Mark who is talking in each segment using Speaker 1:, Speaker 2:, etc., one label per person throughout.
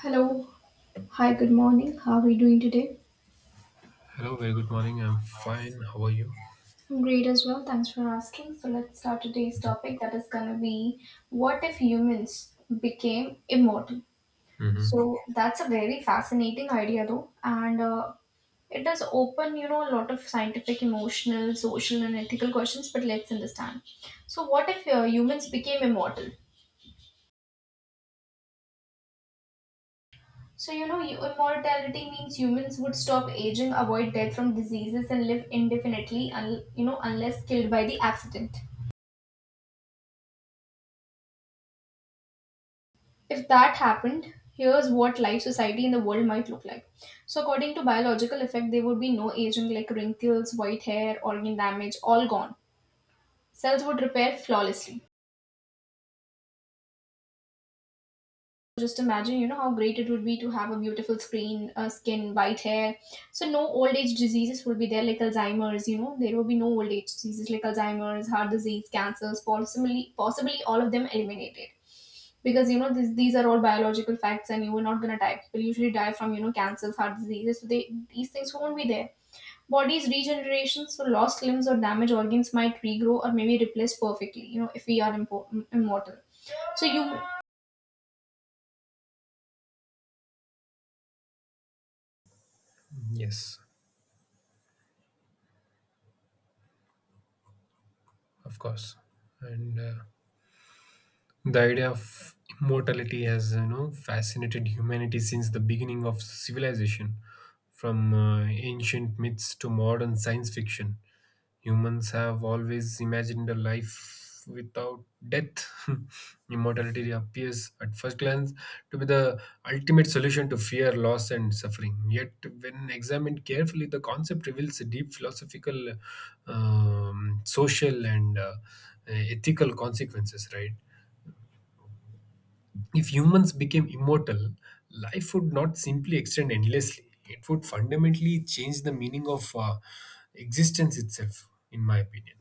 Speaker 1: Hello. Hi, good morning. How are you doing today?
Speaker 2: Hello, very good morning. I'm fine. How are you?
Speaker 1: I'm great as well. Thanks for asking. So, let's start today's topic that is going to be, what if humans became immortal?
Speaker 2: hmm
Speaker 1: So, that's a very fascinating idea, though. And it does open, you know, a lot of scientific, emotional, social, and ethical questions, but let's understand. So, what if humans became immortal? So, you know, immortality means humans would stop aging, avoid death from diseases, and live indefinitely, you know, unless killed by the accident. If that happened, here's what life, society in the world might look like. So, according to biological effect, there would be no aging, like wrinkles, white hair, organ damage, all gone. Cells would repair flawlessly. Just imagine, you know, how great it would be to have a beautiful screen skin, white hair. So no old age diseases will be there, like Alzheimer's. You know, there will be no old age diseases like Alzheimer's, heart disease, cancers, possibly all of them eliminated, because, you know, these are all biological facts, and you were not going to die. People usually die from, you know, cancers, heart diseases. So they, these things won't be there. Body's regeneration, so lost limbs or damaged organs might regrow or maybe replace perfectly, you know, if we are immortal. So you.
Speaker 2: Yes, of course. And The idea of immortality has, you know, fascinated humanity since the beginning of civilization, from ancient myths to modern science fiction. Humans have always imagined a life without death. Immortality appears at first glance to be the ultimate solution to fear, loss, and suffering. Yet, when examined carefully, the concept reveals a deep philosophical, social, and ethical consequences, right? If humans became immortal, life would not simply extend endlessly. It would fundamentally change the meaning of existence itself, in my opinion.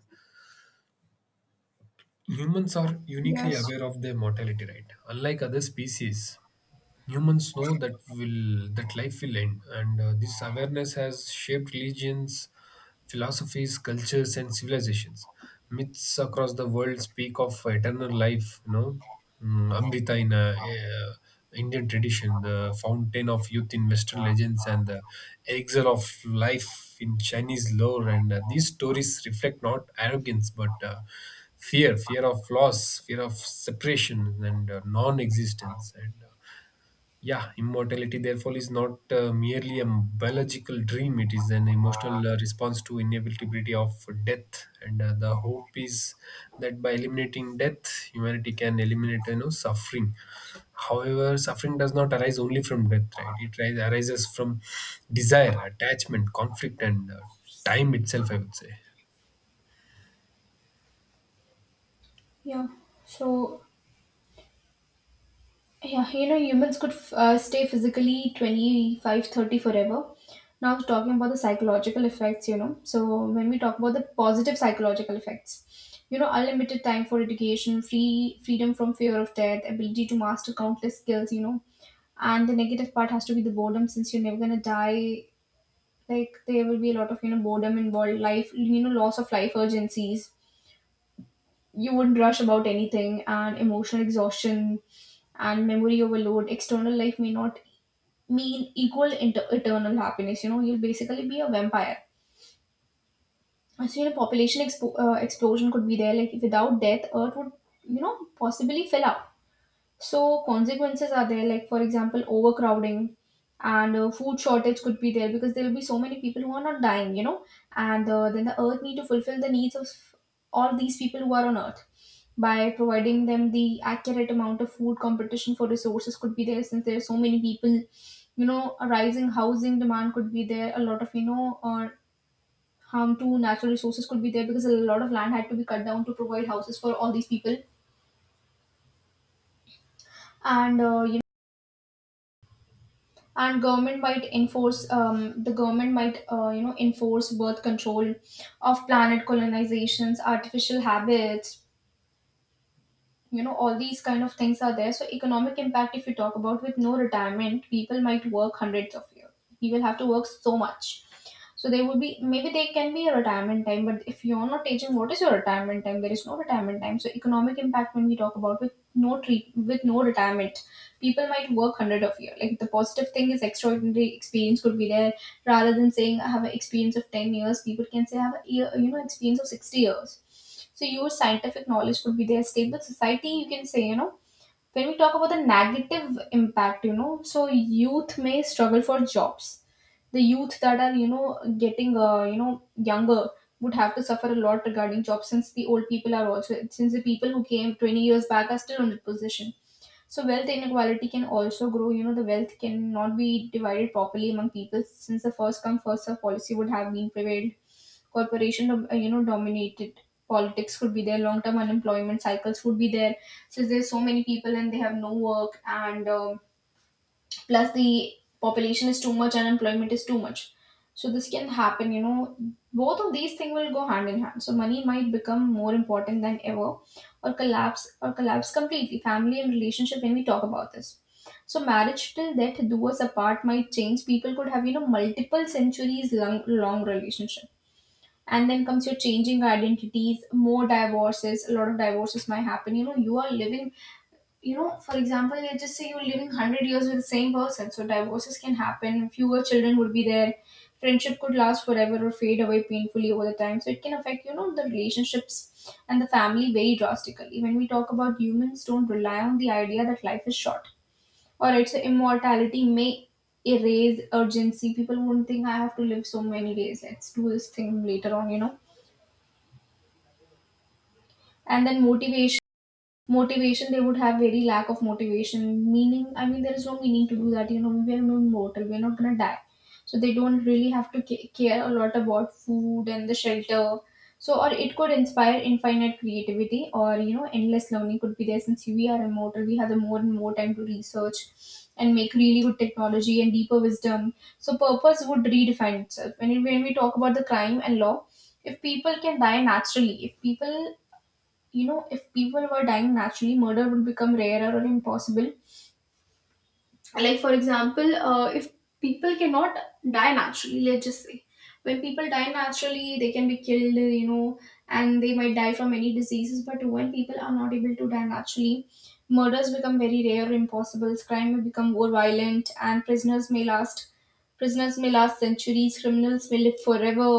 Speaker 2: Humans are uniquely
Speaker 1: Yes.
Speaker 2: aware of their mortality, right? Unlike other species, humans know that will that life will end, and this awareness has shaped religions, philosophies, cultures and civilizations. Myths across the world speak of eternal life, you know. Amrita in Indian tradition, the fountain of youth in Western legends, and the elixir of life in Chinese lore. And These stories reflect not arrogance but fear, fear of loss, fear of separation and non-existence. Immortality, therefore, is not merely a biological dream. It is an emotional response to inevitability of death, and the hope is that by eliminating death, humanity can eliminate, you know, suffering. However, suffering does not arise only from death, right? Arises from desire, attachment, conflict, and time itself, I would say.
Speaker 1: Yeah. So, yeah, you know, humans could stay physically 25, 30 forever. Now, talking about the psychological effects, you know. So, when we talk about the positive psychological effects, you know, unlimited time for education, freedom from fear of death, ability to master countless skills, you know. And the negative part has to be the boredom, since you're never gonna die. Like, there will be a lot of, you know, boredom involved, life, you know, loss of life urgencies, you would rush about anything, and emotional exhaustion and memory overload. External life may not mean equal eternal happiness. You know, you'll basically be a vampire. So, you know, population explosion could be there, like without death earth would, you know, possibly fill up. So consequences are there, like for example, overcrowding and food shortage could be there, because there will be so many people who are not dying, you know, and then the earth need to fulfill the needs of all these people who are on earth by providing them the accurate amount of food. Competition for resources could be there, since there are so many people, you know. A rising housing demand could be there. A lot of, you know, harm to natural resources could be there, because a lot of land had to be cut down to provide houses for all these people, and uh, you and government might enforce, the government might, you know, enforce birth control of planet colonizations, artificial habits, you know, all these kind of things are there. So economic impact, if you talk about, with no retirement, people might work hundreds of years. People have to work so much. So they would be, maybe they can be a retirement time, but if you're not taking, what is your retirement time? There is no retirement time. So economic impact, when we talk about with no treat, with no retirement, people might work hundred of year. Like, the positive thing is, extraordinary experience could be there. Rather than saying I have an experience of 10 years, people can say I have a year, you know, experience of 60 years. So your scientific knowledge could be there. Stable society, you can say, you know, when we talk about the negative impact, you know, so youth may struggle for jobs. The youth that are, you know, getting, you know, younger, would have to suffer a lot regarding jobs, since the old people are also, since the people who came 20 years back are still in the position. So wealth inequality can also grow. You know, the wealth cannot be divided properly among people, since the first come first serve policy would have been prevailed. Corporation, you know, dominated politics could be there. Long term unemployment cycles would be there, since there's so many people and they have no work, and plus the population is too much and employment is too much, so this can happen, you know. Both of these things will go hand in hand. So money might become more important than ever, or collapse completely. Family and relationship, when we talk about this, so marriage till death do us apart might change. People could have, you know, multiple centuries long relationship, and then comes your changing identities, more divorces. A lot of divorces might happen. You know, you are living, you know, for example, let's just say you're living 100 years with the same person. So divorces can happen, fewer children would be there, friendship could last forever or fade away painfully over the time. So it can affect, you know, the relationships and the family very drastically. When we talk about humans, don't rely on the idea that life is short. Alright, so immortality may erase urgency. People will not think, I have to live so many days. Let's do this thing later on, you know. And then motivation Motivation, they would have very lack of motivation. Meaning, I mean, there is no meaning to do that. You know, we are mortal. We are not gonna die, so they don't really have to care a lot about food and the shelter. So, or it could inspire infinite creativity, or, you know, endless learning could be there. Since we are immortal, we have the more and more time to research and make really good technology and deeper wisdom. So, purpose would redefine itself. When we talk about the crime and law, if people can die naturally, if people, you know, if people were dying naturally, murder would become rarer or impossible. Like, for example, if people cannot die naturally, let's just say, when people die naturally they can be killed, you know, and they might die from any diseases. But when people are not able to die naturally, murders become very rare or impossible. Crime may become more violent, and prisoners may last centuries, criminals may live forever.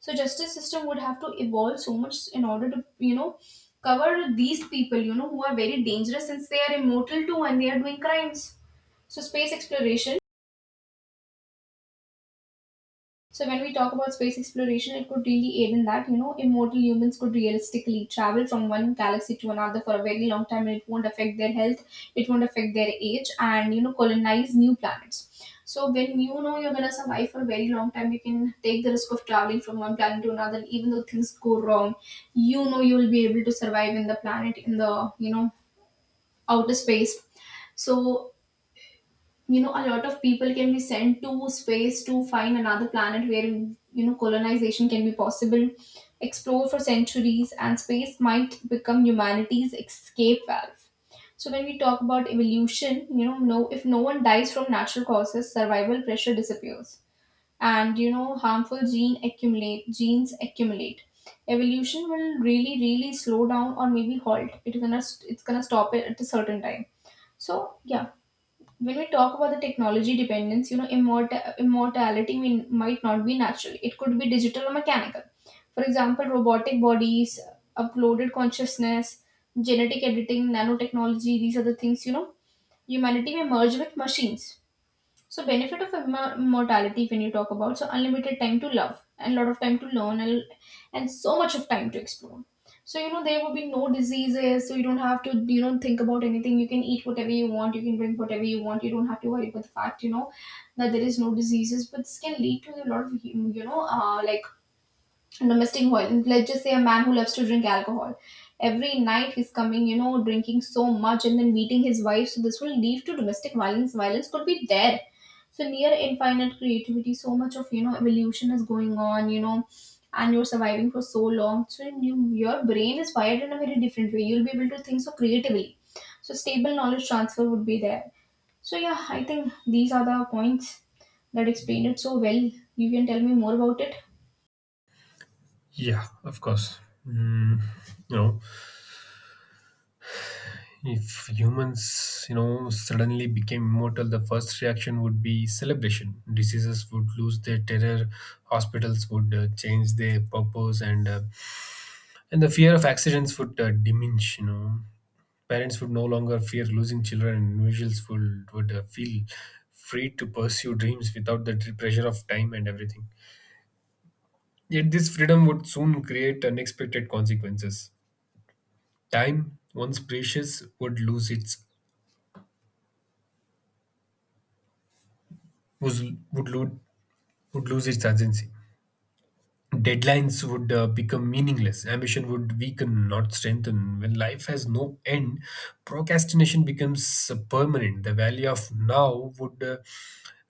Speaker 1: So justice system would have to evolve so much in order to, you know, cover these people, you know, who are very dangerous, since they are immortal too and they are doing crimes. So space exploration. So when we talk about space exploration, it could really aid in that. You know, immortal humans could realistically travel from one galaxy to another for a very long time, and it won't affect their health. It won't affect their age, and, you know, colonize new planets. So when you know you're gonna survive for a very long time, you can take the risk of traveling from one planet to another. And even though things go wrong, you know, you will be able to survive in the planet, in the, you know, outer space. So, you know, a lot of people can be sent to space to find another planet where, you know, colonization can be possible, explore for centuries, and space might become humanity's escape valve. So when we talk about evolution, you know, no, if no one dies from natural causes, survival pressure disappears, and, you know, harmful genes accumulate. Evolution will really slow down or maybe halt. It's gonna stop it at a certain time. So yeah, when we talk about the technology dependence, you know, immortality might not be natural. It could be digital or mechanical. For example, robotic bodies, uploaded consciousness, genetic editing, nanotechnology, these are the things, you know, humanity may merge with machines. So benefit of immortality, when you talk about, so unlimited time to love, and lot of time to learn, and so much of time to explore. So you know there will be no diseases. So you don't have to, you don't think about anything. You can eat whatever you want. You can drink whatever you want. You don't have to worry about the fact, you know, that there is no diseases. But this can lead to a lot of like domestic violence. Let's just say a man who loves to drink alcohol every night, he's coming, drinking so much and then beating his wife. So this will lead to domestic violence. Could be there. So near infinite creativity, so much of evolution is going on, you know, and you're surviving for so long. So your brain is wired in a very different way. You'll be able to think so creatively, so stable knowledge transfer would be there. So yeah, I think these are the points that explain it so well. You can tell me more about it.
Speaker 2: Yeah, of course. Mm, you know, If humans, you know, suddenly became immortal, the first reaction would be celebration. Diseases would lose their terror, hospitals would change their purpose, and the fear of accidents would diminish. You know, parents would no longer fear losing children, and individuals would feel free to pursue dreams without the pressure of time and everything. Yet this freedom would soon create unexpected consequences. Time, once precious, would lose its was would lo- would lose its urgency. Deadlines would become meaningless. Ambition would weaken, not strengthen. When life has no end, procrastination becomes permanent. The value of now would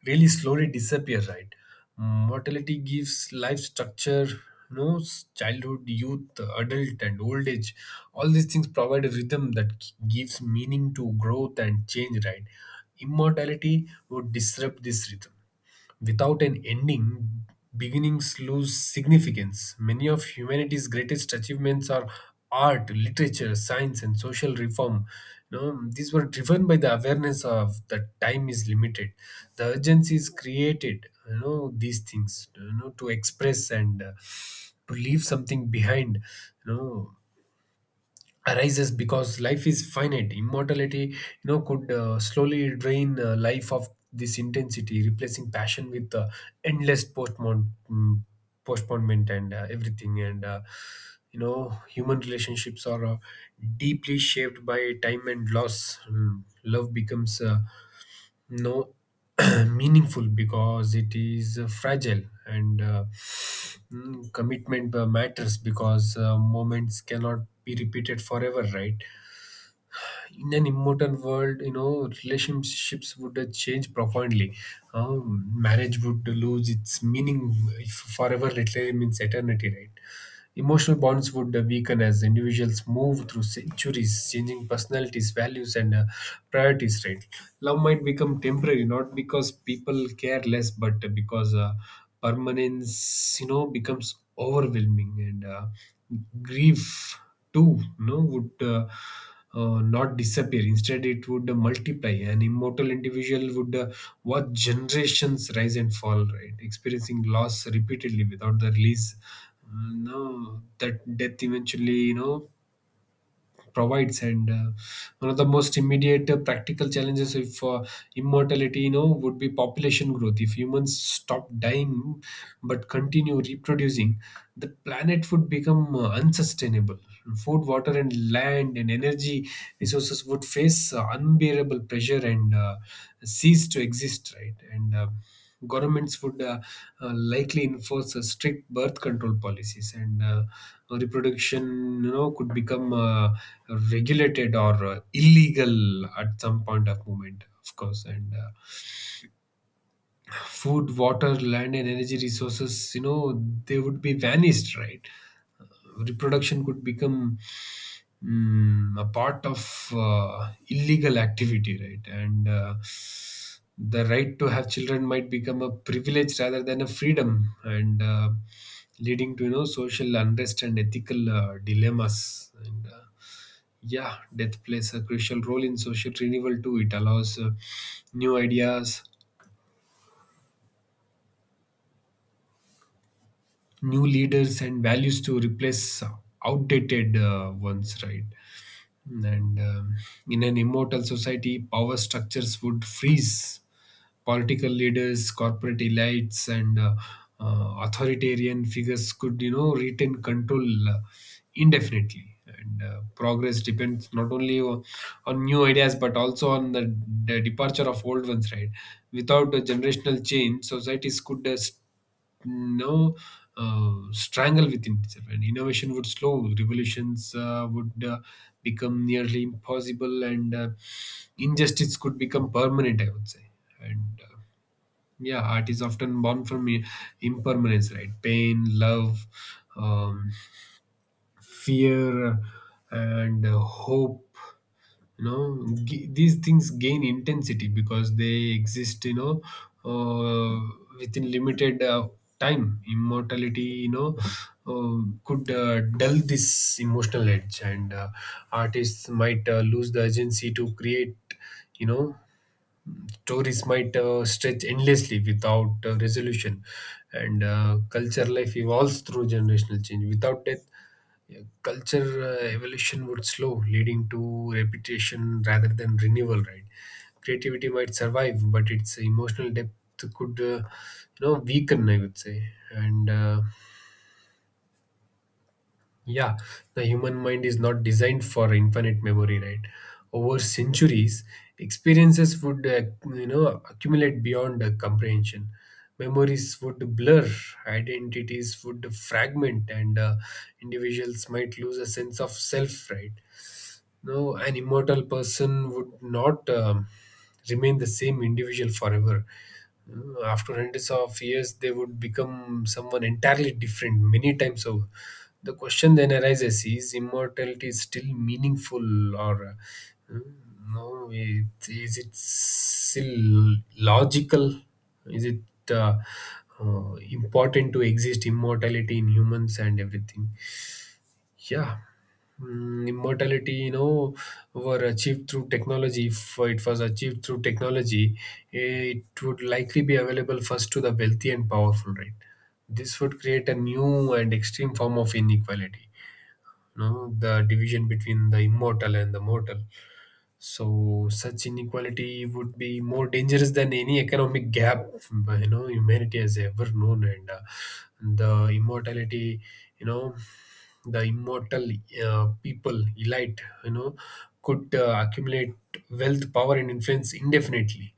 Speaker 2: really slowly disappear, right? Mortality gives life structure. You know, childhood, youth, adult, and old age. All these things provide a rhythm that gives meaning to growth and change, right? Immortality would disrupt this rhythm. Without an ending, beginnings lose significance. Many of humanity's greatest achievements are art, literature, science, and social reform. You know, these were driven by the awareness of that time is limited. The urgency is created, you know, these things, you know, to express and to leave something behind, you know, arises because life is finite. Immortality, you know, could slowly drain life of this intensity, replacing passion with endless postponement and everything. And You know, human relationships are deeply shaped by time and loss. Love becomes no meaningful because it is fragile, and commitment matters because moments cannot be repeated forever, right? In an immortal world, you know, relationships would change profoundly. Marriage would lose its meaning if forever literally means eternity, right? Emotional bonds would weaken as individuals move through centuries, changing personalities, values, and priorities. Right, love might become temporary, not because people care less, but because permanence, you know, becomes overwhelming, and grief too, you know, would not disappear. Instead, it would multiply. An immortal individual would watch generations rise and fall, right, experiencing loss repeatedly without the release no that death eventually, you know, provides. And One of the most immediate practical challenges if immortality, you know, would be population growth. If humans stop dying but continue reproducing, the planet would become unsustainable. Food, water and land and energy resources would face unbearable pressure and cease to exist, right? and Governments would likely enforce strict birth control policies, and reproduction, you know, could become regulated or illegal at some point of moment, of course. And Food, water, land and energy resources, you know, they would be vanished, right? Reproduction could become a part of illegal activity, right? And The right to have children might become a privilege rather than a freedom, and leading to, you know, social unrest and ethical dilemmas. And Yeah, death plays a crucial role in social renewal too. It allows new ideas, new leaders, and values to replace outdated ones, right? And In an immortal society, power structures would freeze. Political leaders, corporate elites, and authoritarian figures could, you know, retain control indefinitely. And Progress depends not only on new ideas but also on the departure of old ones, right? Without a generational change, societies could no strangle within itself, and innovation would slow, revolutions would become nearly impossible, and injustice could become permanent, I would say. And Yeah, art is often born from impermanence, right? Pain, love, um, fear and hope, you know, these things gain intensity because they exist, you know, uh, within limited time. Immortality, you know, uh, could dull this emotional edge, and artists might lose the urgency to create, you know. Stories might stretch endlessly without resolution, and culture life evolves through generational change without death. Yeah, culture evolution would slow, leading to repetition rather than renewal, right? Creativity might survive, but its emotional depth could, you know, weaken, I would say. And Yeah, the human mind is not designed for infinite memory, right? Over centuries, experiences would, you know, accumulate beyond comprehension. Memories would blur, identities would fragment, and individuals might lose a sense of self, right? No, An immortal person would not remain the same individual forever. After hundreds of years, they would become someone entirely different, many times over. The question then arises, is immortality still meaningful, or uh, no, it, is it still logical? Is it uh, important to exist, immortality in humans and everything? Yeah. Immortality, you know, were achieved through technology. If it was achieved through technology, it would likely be available first to the wealthy and powerful, right? This would create a new and extreme form of inequality, know the division between the immortal and the mortal. So, such inequality would be more dangerous than any economic gap, you know, humanity has ever known, and the immortality you know the immortal people elite, you know, could accumulate wealth, power and influence indefinitely,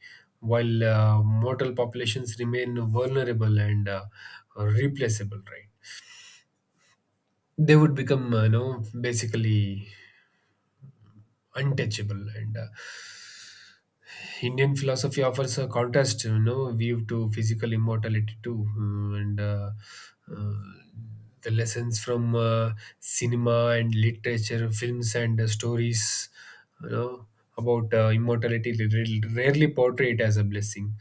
Speaker 2: while mortal populations remain vulnerable and replaceable, right? They would become, you know, basically untouchable. And Indian philosophy offers a contrast, you know, view to physical immortality too. Mm, and uh, the lessons from cinema and literature, films and stories, you know, about immortality, they rarely portray it as a blessing.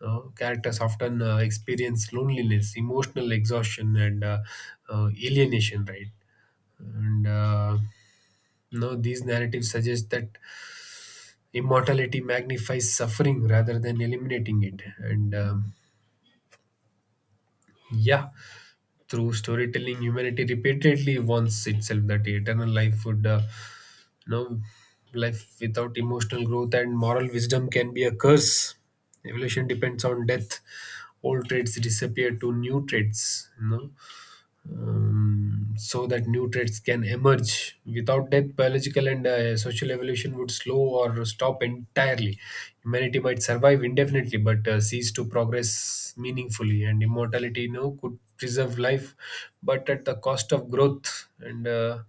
Speaker 2: Characters often experience loneliness, emotional exhaustion, and alienation, right? And Now these narratives suggest that immortality magnifies suffering rather than eliminating it. And Yeah, through storytelling, humanity repeatedly warns itself that eternal life would, you know, life without emotional growth and moral wisdom can be a curse. Evolution depends on death. Old traits disappear to new traits, you know? So that new traits can emerge. Without death, biological and social evolution would slow or stop entirely. Humanity might survive indefinitely but cease to progress meaningfully, and immortality, you know, could preserve life but at the cost of growth. And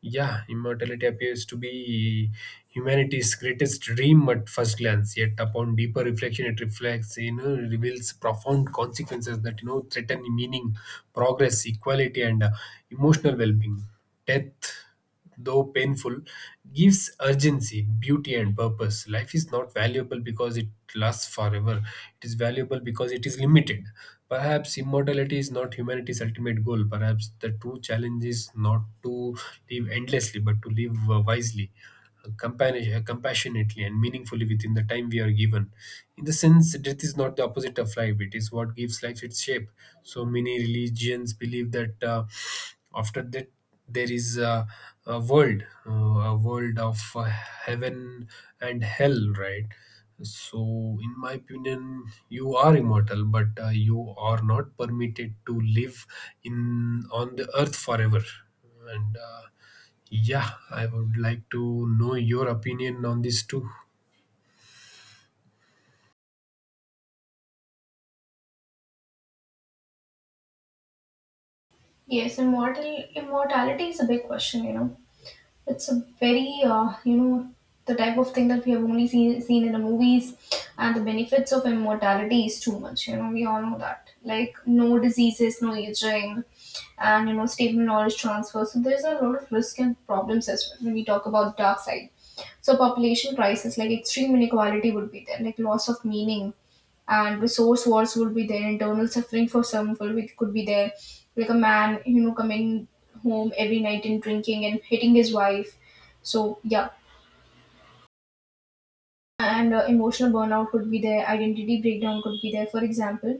Speaker 2: Yeah, immortality appears to be humanity's greatest dream at first glance. Yet, upon deeper reflection, it reflects, you know, reveals profound consequences that, you know, threaten meaning, progress, equality, and emotional well-being. Death, though painful, gives urgency, beauty, and purpose. Life is not valuable because it lasts forever, it is valuable because it is limited. Perhaps immortality is not humanity's ultimate goal. Perhaps the true challenge is not to live endlessly but to live wisely, compassionately and meaningfully within the time we are given. In the sense, death is not the opposite of life, it is what gives life its shape. So many religions believe that after death, there is a world, a world of heaven and hell, right? So, in my opinion, you are immortal, but you are not permitted to live in on the earth forever. And Yeah, I would like to know your opinion on this too.
Speaker 1: Yes, immortality is a big question, you know. It's a very, you know, the type of thing that we have only seen in the movies, and the benefits of immortality is too much. You know, we all know that. Like no diseases, no aging, and you know, stable knowledge transfer. So there's a lot of risk and problems as well when we talk about the dark side. So population crisis, like extreme inequality, would be there, like loss of meaning, and resource wars would be there. Internal suffering for some people, it could be there, like a man, you know, coming home every night and drinking and hitting his wife. So yeah. And emotional burnout could be there, identity breakdown could be there. For example,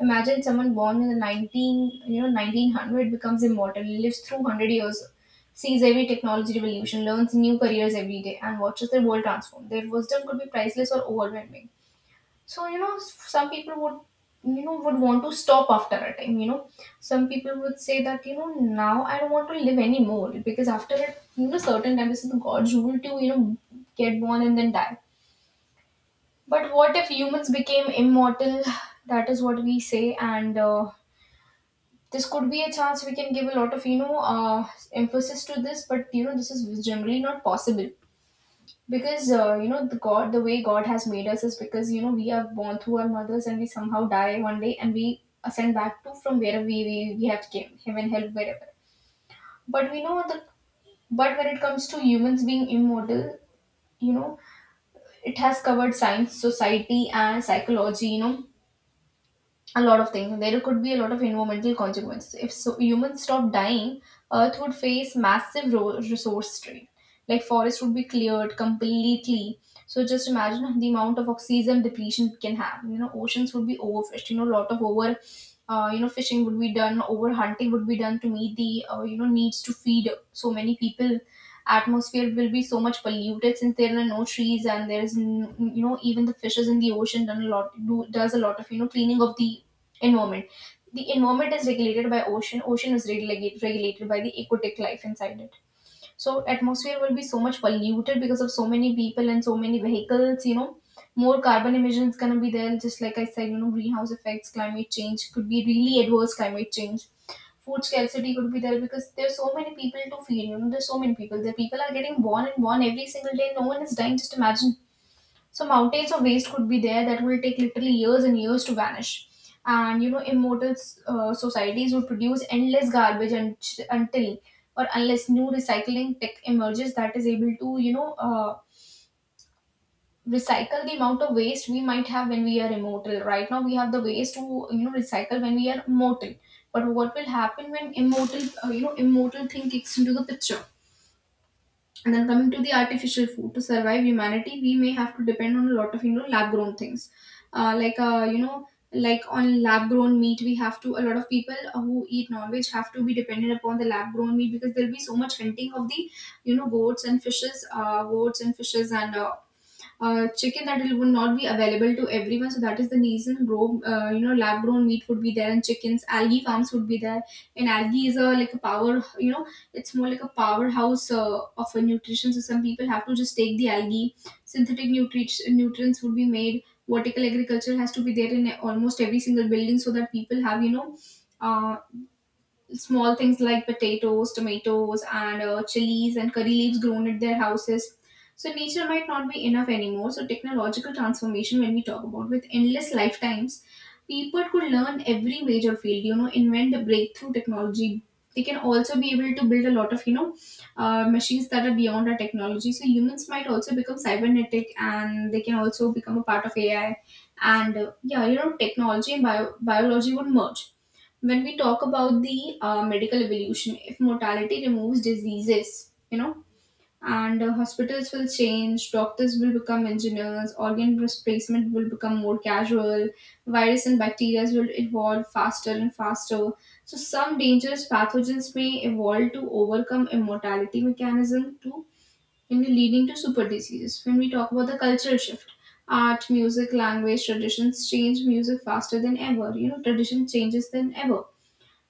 Speaker 1: imagine someone born in the 19 you know 1900, becomes immortal, lives through 100 years, sees every technology revolution, learns new careers every day, and watches their world transform. Their wisdom could be priceless or overwhelming. So you know, some people would, you know, would want to stop after a time, you know. Some people would say that, you know, now I don't want to live anymore because after a, you know, certain time, this is God's rule to, you know, get born and then die. But what if humans became immortal? That is what we say. And this could be a chance, we can give a lot of, you know, emphasis to this, but you know, this is generally not possible because you know, the god, the way god has made us is because, you know, we are born through our mothers and we somehow die one day, and we ascend back to from where we have came, heaven, hell, wherever. But we know the, but when it comes to humans being immortal, you know, it has covered science, society, and psychology, you know, a lot of things. There could be a lot of environmental consequences. If so, humans stop dying, Earth would face massive resource strain. Like forests would be cleared completely. So just imagine the amount of oxygen depletion it can have. You know, oceans would be overfished. You know, a lot of over, you know, fishing would be done. Over hunting would be done to meet the, you know, needs to feed so many people. Atmosphere will be so much polluted since there are no trees, and there is, you know, even the fishes in the ocean done a lot, do does a lot of, you know, cleaning of the environment. The environment is regulated by ocean. Ocean is regulated by the aquatic life inside it. So atmosphere will be so much polluted because of so many people and so many vehicles. You know, more carbon emissions gonna be there. Just like I said, you know, greenhouse effects, climate change could be really adverse climate change. Food scarcity could be there because there's so many people to feed. You know, there's so many people. The people are getting born and born every single day. No one is dying. Just imagine, so mountains of waste could be there that will take literally years and years to vanish. And you know, immortal societies would produce endless garbage, until or unless new recycling tech emerges that is able to, you know, recycle the amount of waste we might have when we are immortal. Right now, we have the ways to, you know, recycle when we are mortal. But what will happen when immortal, you know, immortal thing kicks into the picture? And then coming to the artificial food to survive humanity, we may have to depend on a lot of, you know, lab grown things, like you know, like on lab grown meat. We have to, a lot of people who eat non veg have to be dependent upon the lab grown meat because there'll be so much hunting of the, you know, goats and fishes, goats and fishes, and chicken that it would not be available to everyone. So that is the reason raw, you know, lab grown meat would be there, and chickens, algae farms would be there. And algae is a like a power, you know, it's more like a powerhouse of a nutrition. So some people have to just take the algae. Synthetic nutrients nutrients would be made. Vertical agriculture has to be there in almost every single building so that people have, you know. Uh, Small things like potatoes, tomatoes, and chilies and curry leaves grown at their houses. So nature might not be enough anymore. So technological transformation, when we talk about with endless lifetimes, people could learn every major field. You know, invent a breakthrough technology. They can also be able to build a lot of, you know, machines that are beyond our technology. So humans might also become cybernetic, and they can also become a part of AI. And yeah, you know, technology and biology would merge. When we talk about the medical evolution, if mortality removes diseases, you know, and hospitals will change, doctors will become engineers, organ replacement will become more casual, virus and bacteria will evolve faster and faster. So some dangerous pathogens may evolve to overcome immortality mechanism too, and leading to super diseases. When we talk about the cultural shift, art, music, language, traditions change music faster than ever. You know, tradition changes than ever.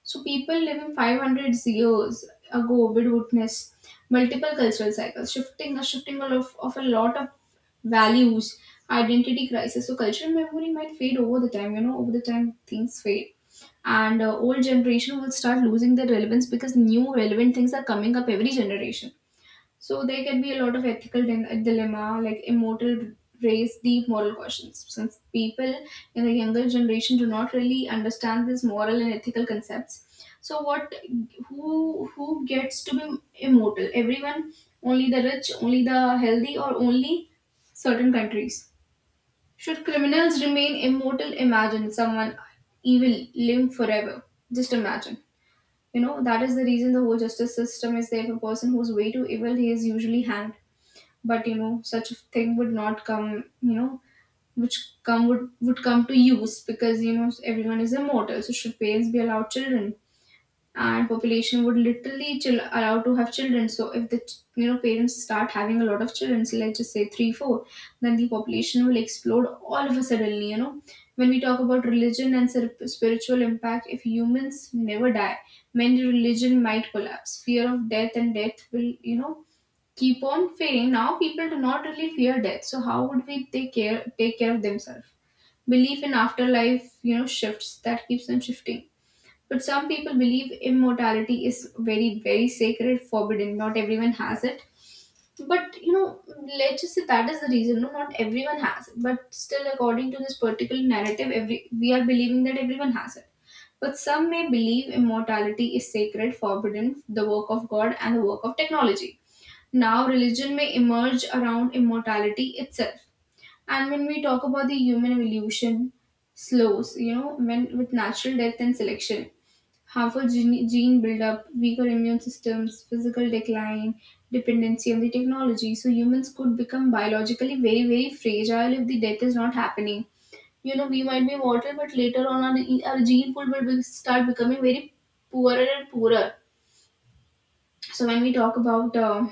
Speaker 1: So people living 500 years ago would witness multiple cultural cycles, shifting, a shifting of a lot of values, identity crisis. So cultural memory might fade over the time, you know, over the time things fade. And old generation will start losing their relevance because new relevant things are coming up every generation. So there can be a lot of ethical dilemma, like immortal raise deep moral questions. Since people in the younger generation do not really understand these moral and ethical concepts, so what? Who gets to be immortal? Everyone? Only the rich? Only the healthy? Or only certain countries? Should criminals remain immortal? Imagine someone evil live forever. Just imagine. You know, that is the reason the whole justice system is there. If a person who's way too evil, he is usually hanged. But you know, such a thing would not come, you know, which come would come to use because, you know, everyone is immortal. So should parents be allowed children? And population would literally chill, allowed to have children. So if the you know, parents start having a lot of children, so let's just say 3 4, then the population will explode all of a suddenly, you know. When we talk about religion and spiritual impact, if humans never die, many religion might collapse. Fear of death and death will, you know, keep on fearing. Now people do not really fear death. So how would we take care of themselves? Belief in afterlife, you know, shifts, that keeps on shifting. But some people believe immortality is very, very sacred, forbidden. Not everyone has it. But you know, let's just say that is the reason. No, not everyone has it. But still, according to this particular narrative, every we are believing that everyone has it. But some may believe immortality is sacred, forbidden, the work of God, and the work of technology. Now, religion may emerge around immortality itself. And when we talk about the human evolution, slows, you know, when with natural death and selection, harmful gene, gene buildup, weaker immune systems, physical decline, dependency on the technology. So humans could become biologically very, very fragile if the death is not happening. You know, we might be mortal, but later on, our gene pool will start becoming very poorer and poorer. So when we talk about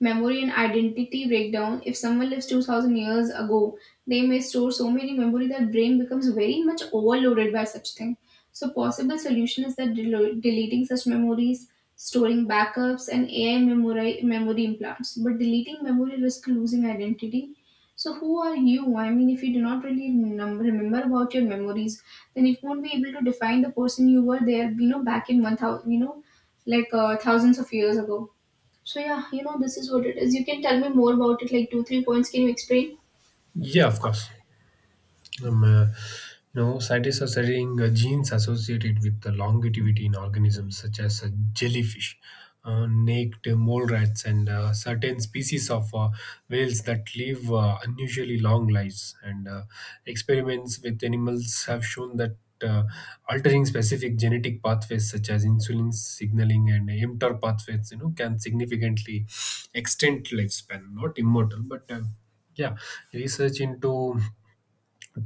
Speaker 1: memory and identity breakdown, if someone lives 2000 years ago, they may store so many memory that brain becomes very much overloaded by such thing. So possible solution is that deleting such memories, storing backups, and AI memory implants. But deleting memory risk losing identity. So who are you? I mean, if you do not really remember about your memories, then it won't be able to define the person you were there, you know, back in 1000, you know, like thousands of years ago. So yeah, you know, this is what it is. You can tell me more about it, like two, three points. Can you explain?
Speaker 2: Yeah, of course. Um, uh, you know, scientists are studying genes associated with the longevity in organisms such as jellyfish, naked mole rats, and certain species of whales that live unusually long lives. And Experiments with animals have shown that. Uh, Altering specific genetic pathways such as insulin signaling and mTOR pathways, you know, can significantly extend lifespan. Not immortal, but yeah, research into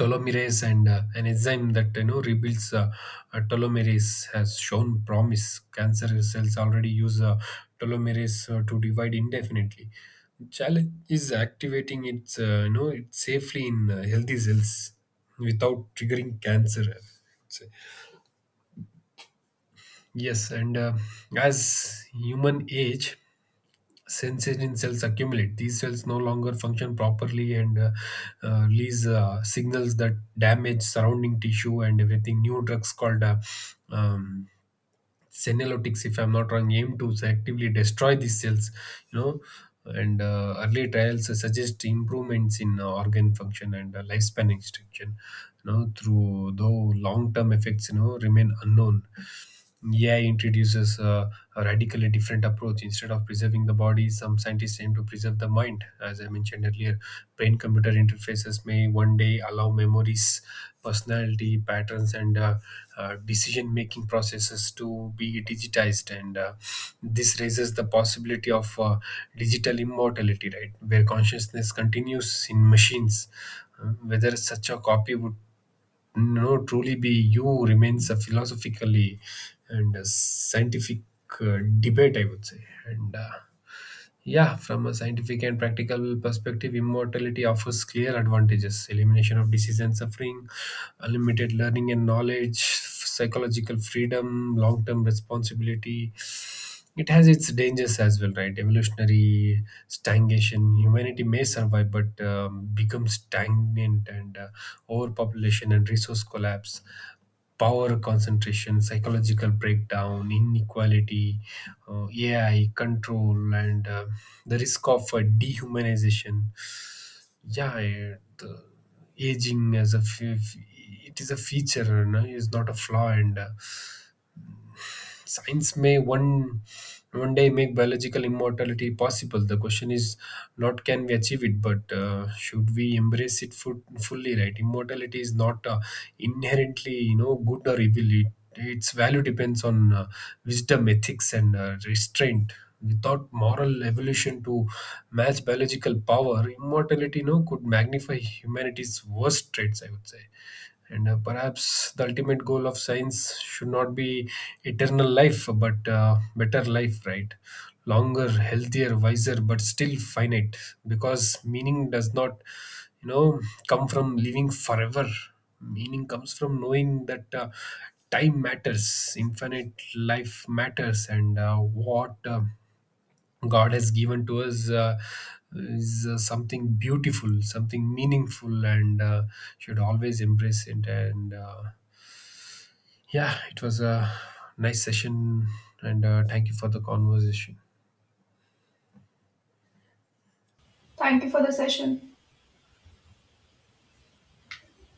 Speaker 2: telomerase and an enzyme that, you know, rebuilds telomerase has shown promise. Cancer cells already use telomerase to divide indefinitely. The challenge is activating it, you know, it safely in healthy cells without triggering cancer, I would say. Yes, and as human age, sensation cells accumulate. These cells no longer function properly and release signals that damage surrounding tissue and everything. New drugs called um, senolytics, if I'm not wrong, aim to selectively destroy these cells. You know, and early trials suggest improvements in organ function and lifespan extension. You know, through though long-term effects, you know, remain unknown. AI introduces a radically different approach. Instead of preserving the body, some scientists aim to preserve the mind. As I mentioned earlier, brain computer interfaces may one day allow memories, personality patterns, and decision making processes to be digitized. And This raises the possibility of digital immortality, right? Where consciousness continues in machines. Whether such a copy would no, truly be you remains a philosophically and a scientific debate, I would say. And Yeah, from a scientific and practical perspective, immortality offers clear advantages: elimination of disease and suffering, unlimited learning and knowledge, psychological freedom, long term responsibility. It has its dangers as well, right? Evolutionary stagnation. Humanity may survive, but becomes stagnant, and overpopulation and resource collapse, power concentration, psychological breakdown, inequality, AI control, and the risk of dehumanization. Yeah, the aging as it is a feature, no? It's not a flaw, and science may one day make biological immortality possible. The question is not can we achieve it, but should we embrace it fully, right? Immortality is not inherently, you know, good or evil. It, its value depends on wisdom, ethics and restraint. Without moral evolution to match biological power, immortality, you know, could magnify humanity's worst traits, I would say. And Perhaps the ultimate goal of science should not be eternal life, but better life, right? Longer, healthier, wiser, but still finite. Because meaning does not, you know, come from living forever. Meaning comes from knowing that time matters, infinite life matters, and what God has given to us is something beautiful, something meaningful, and should always embrace it. And Yeah, it was a nice session, and thank you for the conversation.
Speaker 1: Thank you for the session.